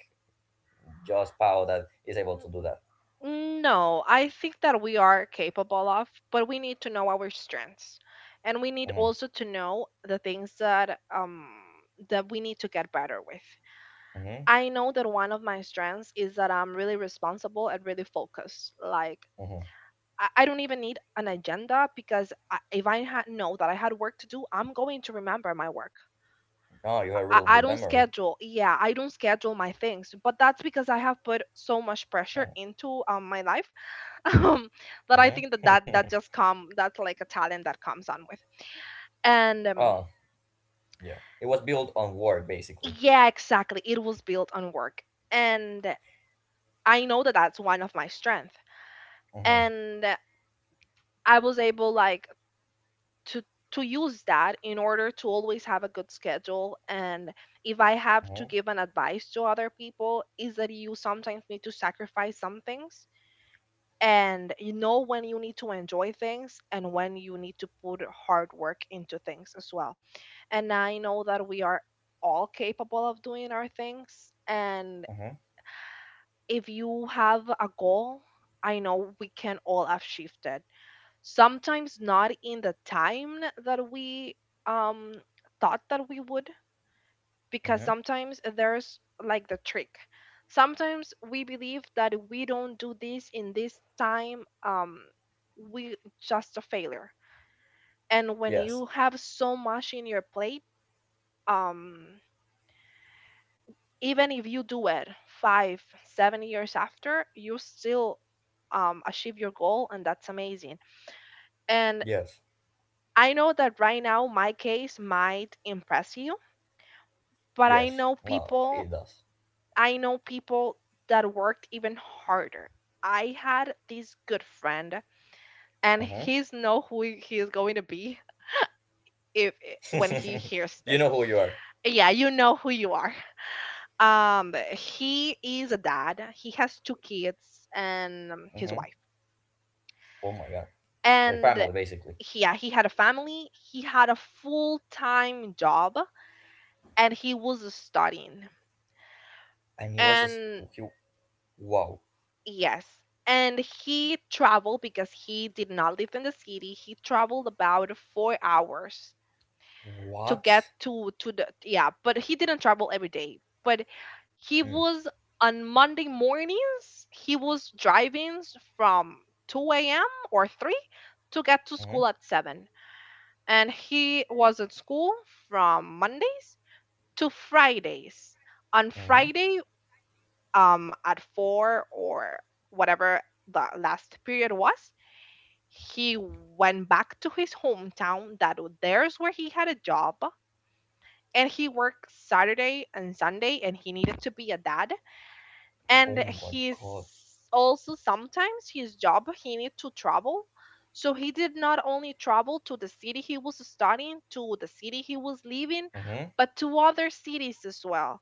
just Pau that is able to do that? No, I think that we are capable of, but we need to know our strengths. And we need Mm-hmm. also to know the things that, that we need to get better with. Mm-hmm. I know that one of my strengths is that I'm really responsible and really focused. Like, Mm-hmm. I don't even need an agenda, because I, if I had know that I had work to do, I'm going to remember my work. No, you have a really I good don't memory. schedule. Yeah, I don't schedule my things, but that's because I have put so much pressure Hmm, into, my life. um but I think that that, mm-hmm. that just come, that's like a talent that comes on with. And Oh, yeah. It was built on war, basically. Yeah, exactly, it was built on work. And I know that that's one of my strength, Mhm, and I was able, like, to use that in order to always have a good schedule. And if I have to mhm, give an advice to other people, is that you sometimes need to sacrifice some things, and you know when you need to enjoy things and when you need to put hard work into things as well. And I know that we are all capable of doing our things. And mhm, if you have a goal, I know we can all have shifted. Sometimes not in the time that we, um, thought that we would, because mhm. sometimes there's like the trick. Sometimes we believe that if we don't do this in this time, we just a failure. And when Yes, you have so much in your plate, um, even if you do it five, 7 years after, you still, achieve your goal, and that's amazing. And yes, I know that right now my case might impress you, but yes. No, it does. I know people that worked even harder. I had this good friend, and Mhm. he's know who he is going to be if when he You know hears who you this. are. Yeah, you know who you are. He is a dad. He has two kids and, his Mhm. wife. Oh my god. The And family basically. Yeah, he had a family, he had a full time job, and he was studying. And he was just And he, wow. yes, and he traveled because he did not live in the city. He traveled about 4 hours to What? get to the, yeah, but he didn't travel every day. But he Mm, was on Monday mornings. He was driving from 2 a.m. or three to get to mhm, school at 7, and he was at school from Mondays to Fridays. On mhm. Friday, at 4, or whatever the last period was, he went back to his hometown. That w- there's where he had a job, and he worked Saturday and Sunday, and he needed to be a dad. Oh And my he's god. also, sometimes his job he need to travel. So he did not only travel to the city he was studying, to the city he was living, Mhm, but to other cities as well.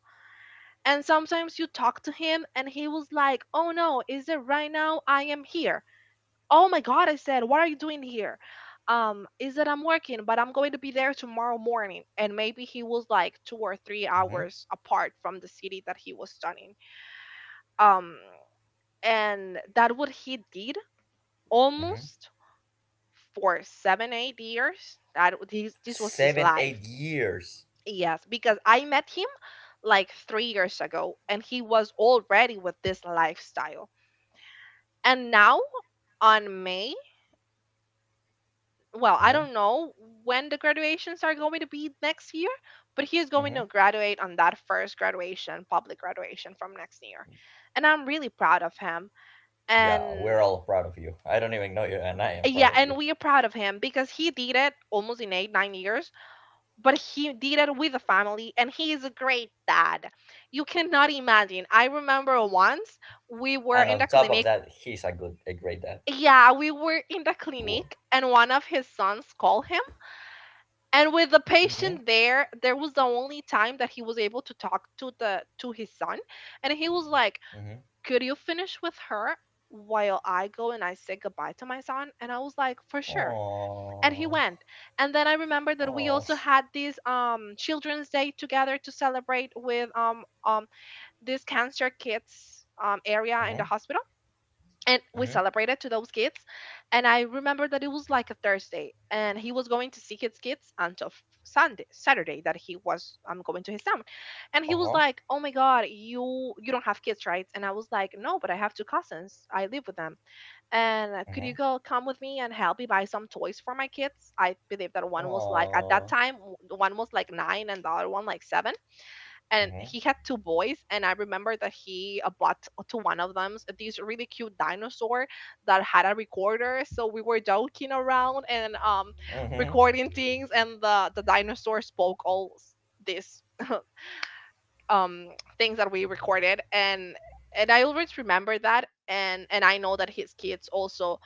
And sometimes you talk to him and he was like, oh no, is it right now I am here? Oh my god, I said, what are you doing here? Is that I'm working, but I'm going to be there tomorrow morning. And maybe he was like two or three mhm, hours apart from the city that he was studying. um and that what he did mhm. almost for 7 8 years, that this was his 7, life. 8 years. Yes, because I met him like 3 years ago, and he was already with this lifestyle. And now on May, well, I Mhm, don't know when the graduations are going to be next year, but he is going mhm. to graduate on that first graduation, public graduation, from next year. And I'm really proud of him. Yeah, And we're all proud of you. I don't even know you, and I am yeah, proud of and you. we are proud of him because he did it almost in 8, 9 years, but he did it with a family and he is a great dad. You cannot imagine. I remember once And we on were top in of the that, clinic. he's a great dad. Yeah, we were in the Wow. clinic and one of his sons called him. And with the Mm-hmm. patient there, there was the only time that he was able to talk to the to his son. And he was like, Mm-hmm. could you finish with her while I go and I say goodbye to my son? And I was like, for sure. And he Oh. went. And then I remember that we Oh. also had this, children's day together to celebrate with, this cancer kids, area in the Mm-hmm. hospital. And we Mm-hmm. celebrated to those kids. And I remember that it was like a Thursday, and he was going to see his kids until f- Sunday, Saturday, that he was, going to his town. And he was Uh-huh. like, oh my god, you don't have kids, right? And I was like, no, but I have two cousins, I live with them. And Could Mm-hmm. you go come with me and help me buy some toys for my kids? I believe that one was like at that Oh. time, w- one was like 9 and the other one like 7. And he Mm-hmm. had two boys. And I remember that he, bought to one of them s- this really cute dinosaur that had a recorder, so we were joking around and, Mm-hmm. recording things, and the dinosaur spoke all s- this, um things that we recorded. And I always remember that. And I know that his kids also,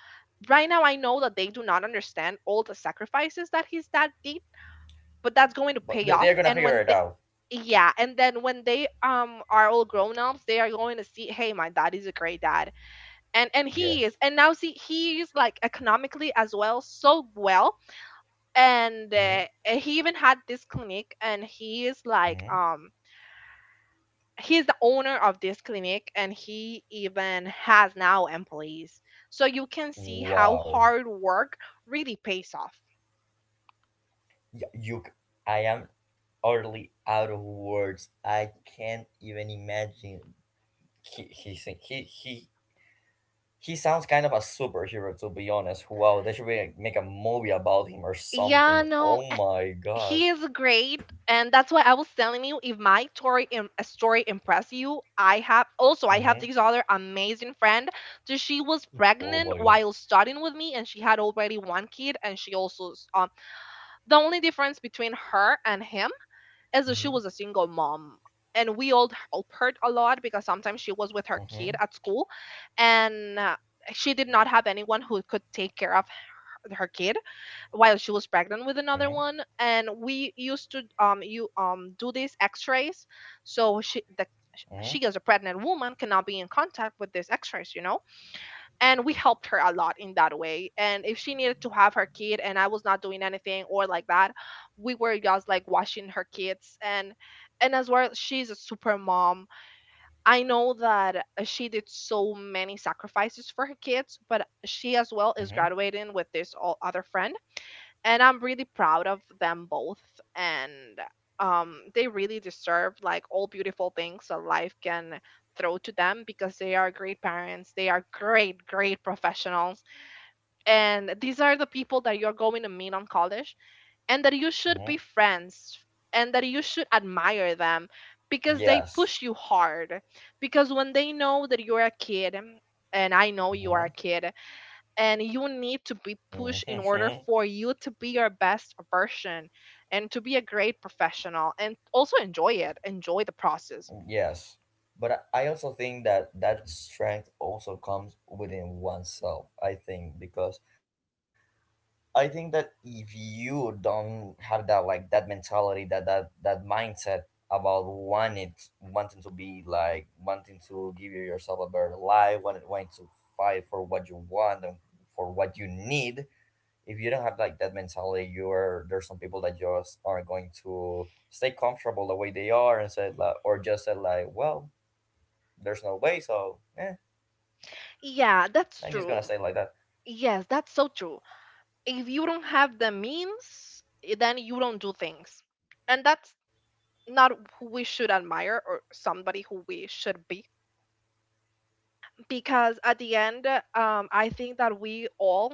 right now I know that they do not understand all the sacrifices that his dad did, but that's going to But pay they're gonna off. And figure it when they, out. yeah, and then when they, are all grown ups, they are going to see, hey, my dad is a great dad. And he is, Yes. and now see he is like economically as well, so well. And Mm-hmm. He even had this clinic, and he is like, Mm-hmm. He's the owner of this clinic and he even has now employees. So you can see how hard Wow. work really pays off. Y- You. c- I am utterly out of words. I can't even imagine. He, he, he, he, He sounds kind of a superhero, to be honest. Wow, they should really make a movie about him or Yeah, something. no, Oh a- my god. he is great. And that's why I was telling you, if my story Im- a story impress you, I have also, I Mm-hmm. have this other amazing friend. So she was Oh pregnant my god. while studying with me, and she had already one kid. And she also s- the only difference between her and him Mm-hmm. as she was a single mom. And we all helped her a lot because sometimes she was with her Mm-hmm. kid at school. And She did not have anyone who could take care of her kid while she was pregnant Mm-hmm. with another one. And we used to, you do these x-rays. So she the Mm-hmm. she as a pregnant woman cannot be in contact with these x-rays, you know. And we helped her a lot in that way. And if she needed to have her kid, and I was not doing anything or like that, we were just like watching her kids. And as well, she's a super mom. I know that, she did so many sacrifices for her kids. But she as well Mm-hmm. is graduating with this all other friend. And I'm really proud of them both. And, they really deserve like all beautiful things that life can throw to them, because they are great parents. They are great, great professionals. And these are the people that you're going to meet on college, and that you Mm-hmm. should be friends, and that you should admire them, because they Yes. push you hard. Because when they know that you're a kid, and I know you are a Mm-hmm. kid, and you need to be Mm-hmm. pushed in order for you to be your best version and to be a great professional and also enjoy the process. Yes. But I also think that that strength also comes within oneself, I think, because I think that if you don't have that like that mentality, that mindset about wanting to be like wanting to give yourself a better life, wanting to fight for what you want and for what you need, if you don't have like that mentality, you're there's some people that just are going to stay comfortable the way they are and say like or just say like, well, there's no way, so Yeah, that's I'm just gonna true. stay like that. Yes, that's so true. If you don't have the means, then you don't do things, and that's not who we should admire or somebody who we should be. Because at the end, I think that we all,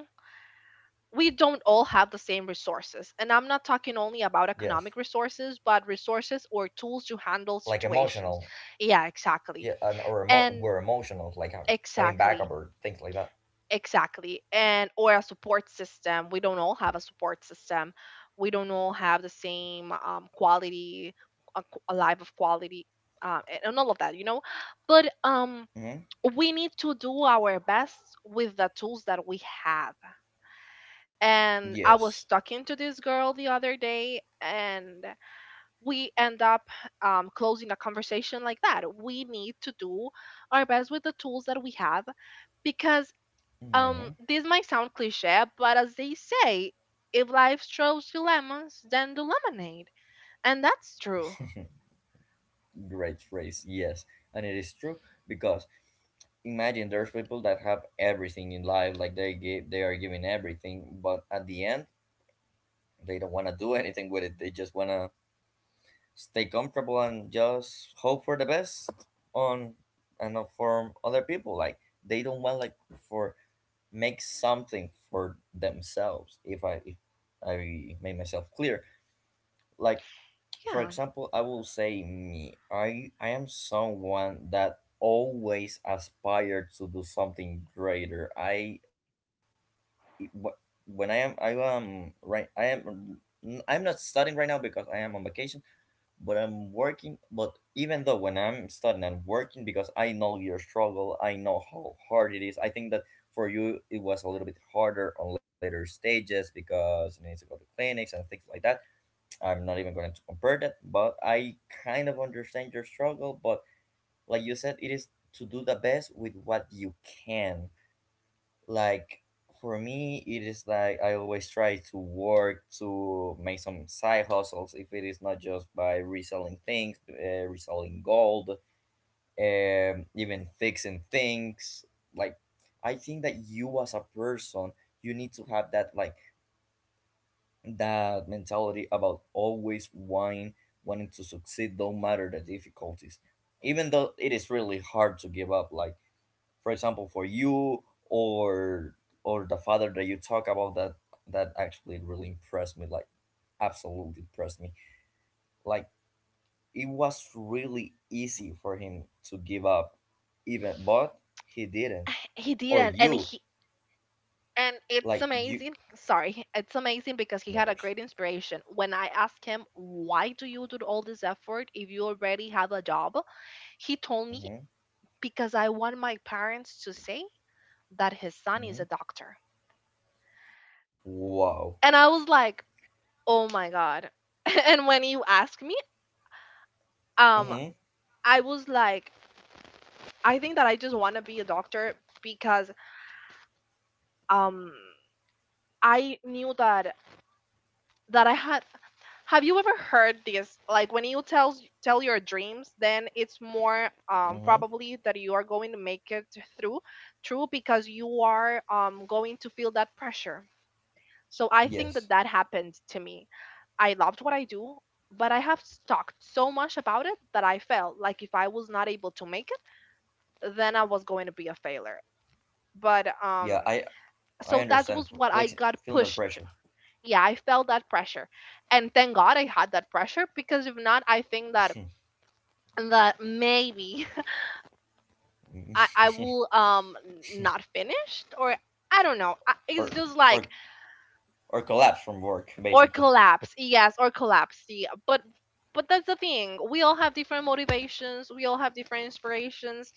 we don't all have the same resources. And I'm not talking only about Yes, economic resources, but resources or tools to handle like situations. emotional. Yeah, exactly. Yeah, and or And were emotional, like having exactly, backup or things like that. exactly. And or a support system. We don't all have a support system. We don't all have the same quality, a life of quality, and all of that, you know. But Hmm. We need to do our best with the tools that we have. And I Yes. was talking to this girl the other day, and we end up closing a conversation like that. We need to do our best with the tools that we have because, Hmm. This might sound cliche, but as they say, if life throws you lemons, then do lemonade. And that's true. Great phrase, yes, and it is true because imagine there's people that have everything in life, like they give, they are giving everything, but at the end they don't want to do anything with it. They just want to stay comfortable and just hope for the best on and not for other people. Like they don't want like for make something for themselves if I made myself clear. Like for Yeah. example I will say me, I am someone that always aspired to do something greater. I wh- when i am I am right, I'm not studying right now because I am on vacation, but I'm working. But even though when I'm studying, I'm working because I know your struggle. I know how hard it is. I think that for you, it was a little bit harder on later stages because you need to go to clinics and things like that. I'm not even going to compare that, but I kind of understand your struggle. But like you said, it is to do the best with what you can. Like for me it is like I always try to work to make some side hustles, if it is not just by reselling things, reselling gold, even fixing things. Like I think that you as a person, you need to have that like that mentality about always wanting to succeed no matter the difficulties, even though it is really hard to give up. Like for example for you, or or the father that you talk about, that actually really impressed me, like absolutely impressed me. Like it was really easy for him to give up even, but he didn't. He Or didn't. And you, he, and it's like you, amazing. Sorry, it's amazing because he no had a worries. great inspiration. When I asked him, why do you do all this effort if you already have a job? He told me, Mm-hmm. because I want my parents to say that his son is a Mm-hmm. doctor. Wow. And I was like, oh my god. And when you asked me, um Mm-hmm. I was like, I think that I just want to be a doctor because, um I knew that I had... Have you ever heard this? Like when you tell your dreams, then it's more Mm-hmm. Probably that you are going to make it through, true, because you are going to feel that pressure. So I think Yes. that that happened to me. I loved what I do, but I have talked so much about it that I felt like if I was not able to make it, then I was going to be a failure. But Yeah, I So that understand. was what I Place, got feeling that pushed. pressure. Yeah, I felt that pressure, and thank god I had that pressure, because if not, I think that that maybe I will, not finished, or I don't know, I, it's Or just like, or collapse from work or basically. collapse. Yes, or collapse, yeah. But that's the thing, we all have different motivations, we all have different inspirations,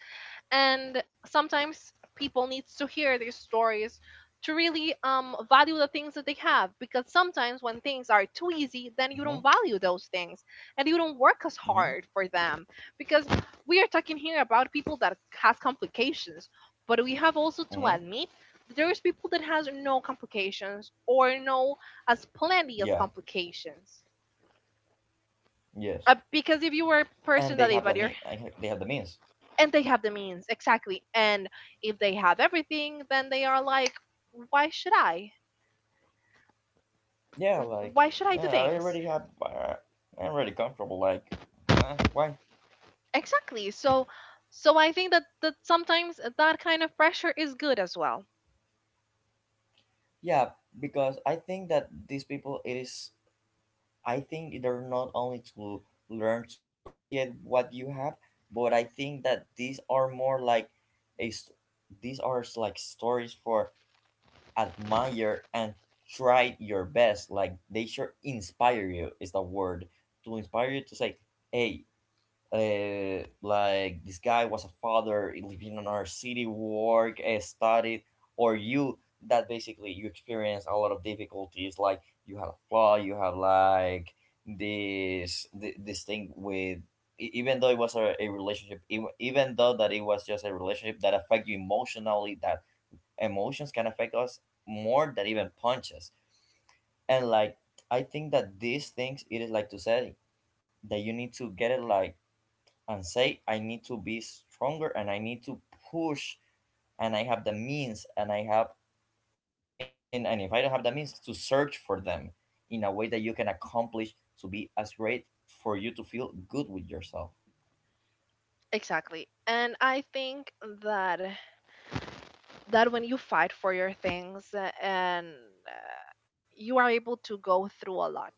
and sometimes people needs to hear these stories to really value the things that they have, because sometimes when things are too easy, then you don't Mm-hmm, value those things and you don't work as mm-hmm, hard for them. Because we are talking here about people that has complications, but we have also to mm-hmm. admit that there's people that has no complications, or no as Yeah. plenty as complications. Yes. Because if you were a And they have person the that if at I your, they have the means. and they have the means, exactly. And if they have everything, then they are like, why should I? Yeah. Like Why should I do I things? already have. I'm already comfortable. Like why? Exactly. So, so I think that that sometimes that kind of pressure is good as well. Yeah. Because I think that these people, it is. I think they're not only to learn to appreciate what you have, but I think that these are more like a. s- these are like stories for admire and try your best. Like they sure inspire you is the word, to inspire you to say, hey, like this guy was a father living in our city, work, studied, or you, that basically you experience a lot of difficulties. Like you have a flaw, you have like this thing with even though it was a relationship, even though that it was just a relationship that affect you emotionally, that emotions can affect us more than even punches. And like I think that these things, it is like to say that you need to get it, like, and say I need to be stronger and I need to push, and I have the means and I have in, and if I don't have the means, to search for them in a way that you can accomplish to be as great, for you to feel good with yourself. Exactly. And I think that, that when you fight for your things, and uh, you are able to go through a lot,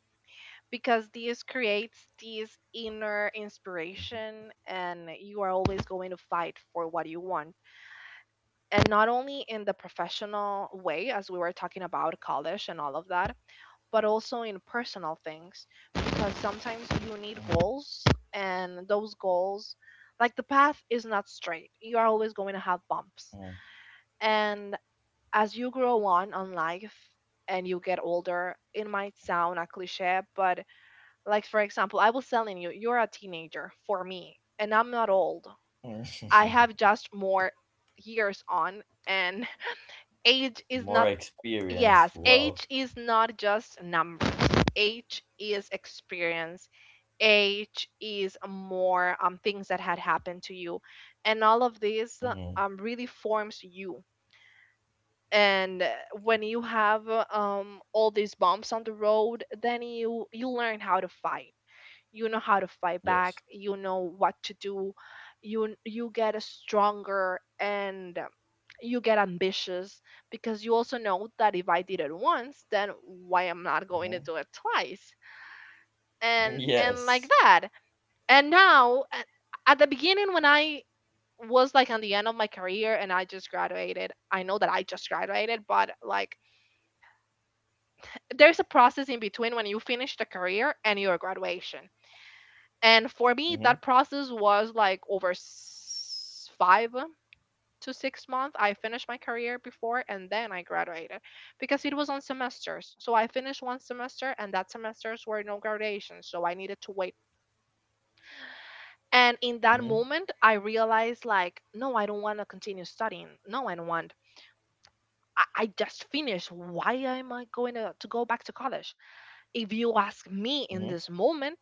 because this creates this inner inspiration and you are always going to fight for what you want. And not only in the professional way, as we were talking about college and all of that, but also in personal things, because sometimes you need Hmm. goals. And those goals, like, the path is not straight, you are always going to have bumps. And as you grow on life and you get older, it might sound a cliche, but, like, for example, I was telling you, you're a teenager for me, and I'm not old, Hmm. I have just more years on. And age is not... More experience, Yes, wow. age is not just numbers. Age is experience. Age is more, things that had happened to you, and all of this Hmm. Really forms you. And when you have, all these bumps on the road, then you learn how to fight, you know how to fight back, Yes. you know what to do. You get stronger, and you get ambitious, because you also know that if I did it once, then why am I not going to do it Hmm. twice? And like Yes. that. And now a-, at the beginning, when I was like on the end of my career and I just graduated, I know that I just graduated, but, like, there's a process in between when you finish the career and your graduation. And for me, that Hmm. process was like over s- 5 to 6 months. I finished my career before, and then I graduated, because it was on semesters. So I finished one semester and that semesters were no graduations, so I needed to wait. And in that Hmm. moment, I realized, like, no, I don't want to continue studying, no I don't want, I just finished. Why am I going to go back to college? If you ask me Hmm. in this moment,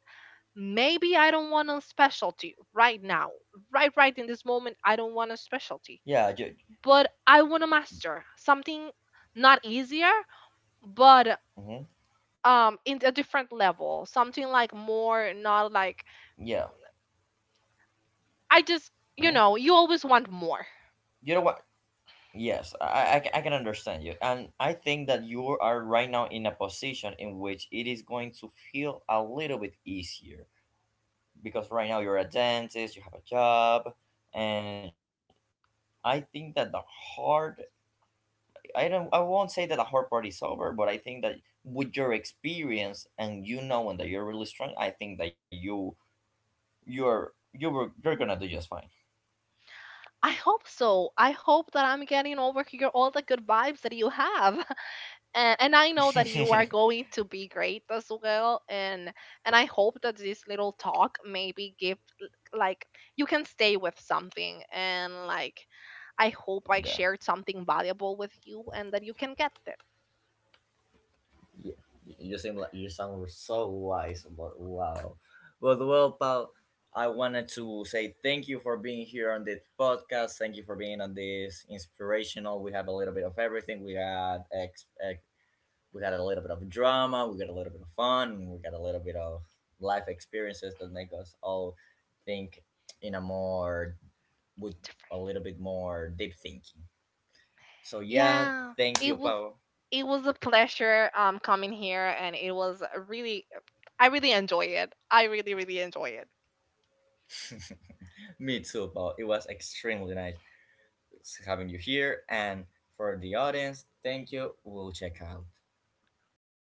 maybe I don't want a specialty right now. Right, right in this moment, I don't want a specialty, yeah ju- but I want to master something, not easier, but, mhm. In a different level, something like more, not Yeah. like, I just... Hmm. You know, you always want more. You know what, yes, I can understand you. And I think that you are right now in a position in which it is going to feel a little bit easier because right now you're a dentist, you have a job, and I think that the hard, I don't I won't say that the hard part is over, but I think that with your experience and you knowing that you're really strong, I think that you you're you were you're gonna do just fine. I hope so, I hope that I'm getting over here all the good vibes that you have. And I know that you are going to be great as well. And I hope that this little talk maybe give l- like, you can stay with something, and, like, I hope I Yeah. shared something valuable with you and that you can get it. you, you seem like you sound so wise about, wow. But well pal, I wanted to say thank you for being here on this podcast, thank you for being on this inspirational. We have a little bit of everything. We had ex, ex we had a little bit of drama, we got a little bit of fun, and we got a little bit of life experiences that make us all think in a more with a Different. little bit more deep thinking. So yeah, Yeah, thank you it was, pal. it was a pleasure coming here, and it was a really... I really enjoy it. I really enjoy it. Me too pal, it was extremely nice having you here. And for the audience, thank you. We'll check out. Okay.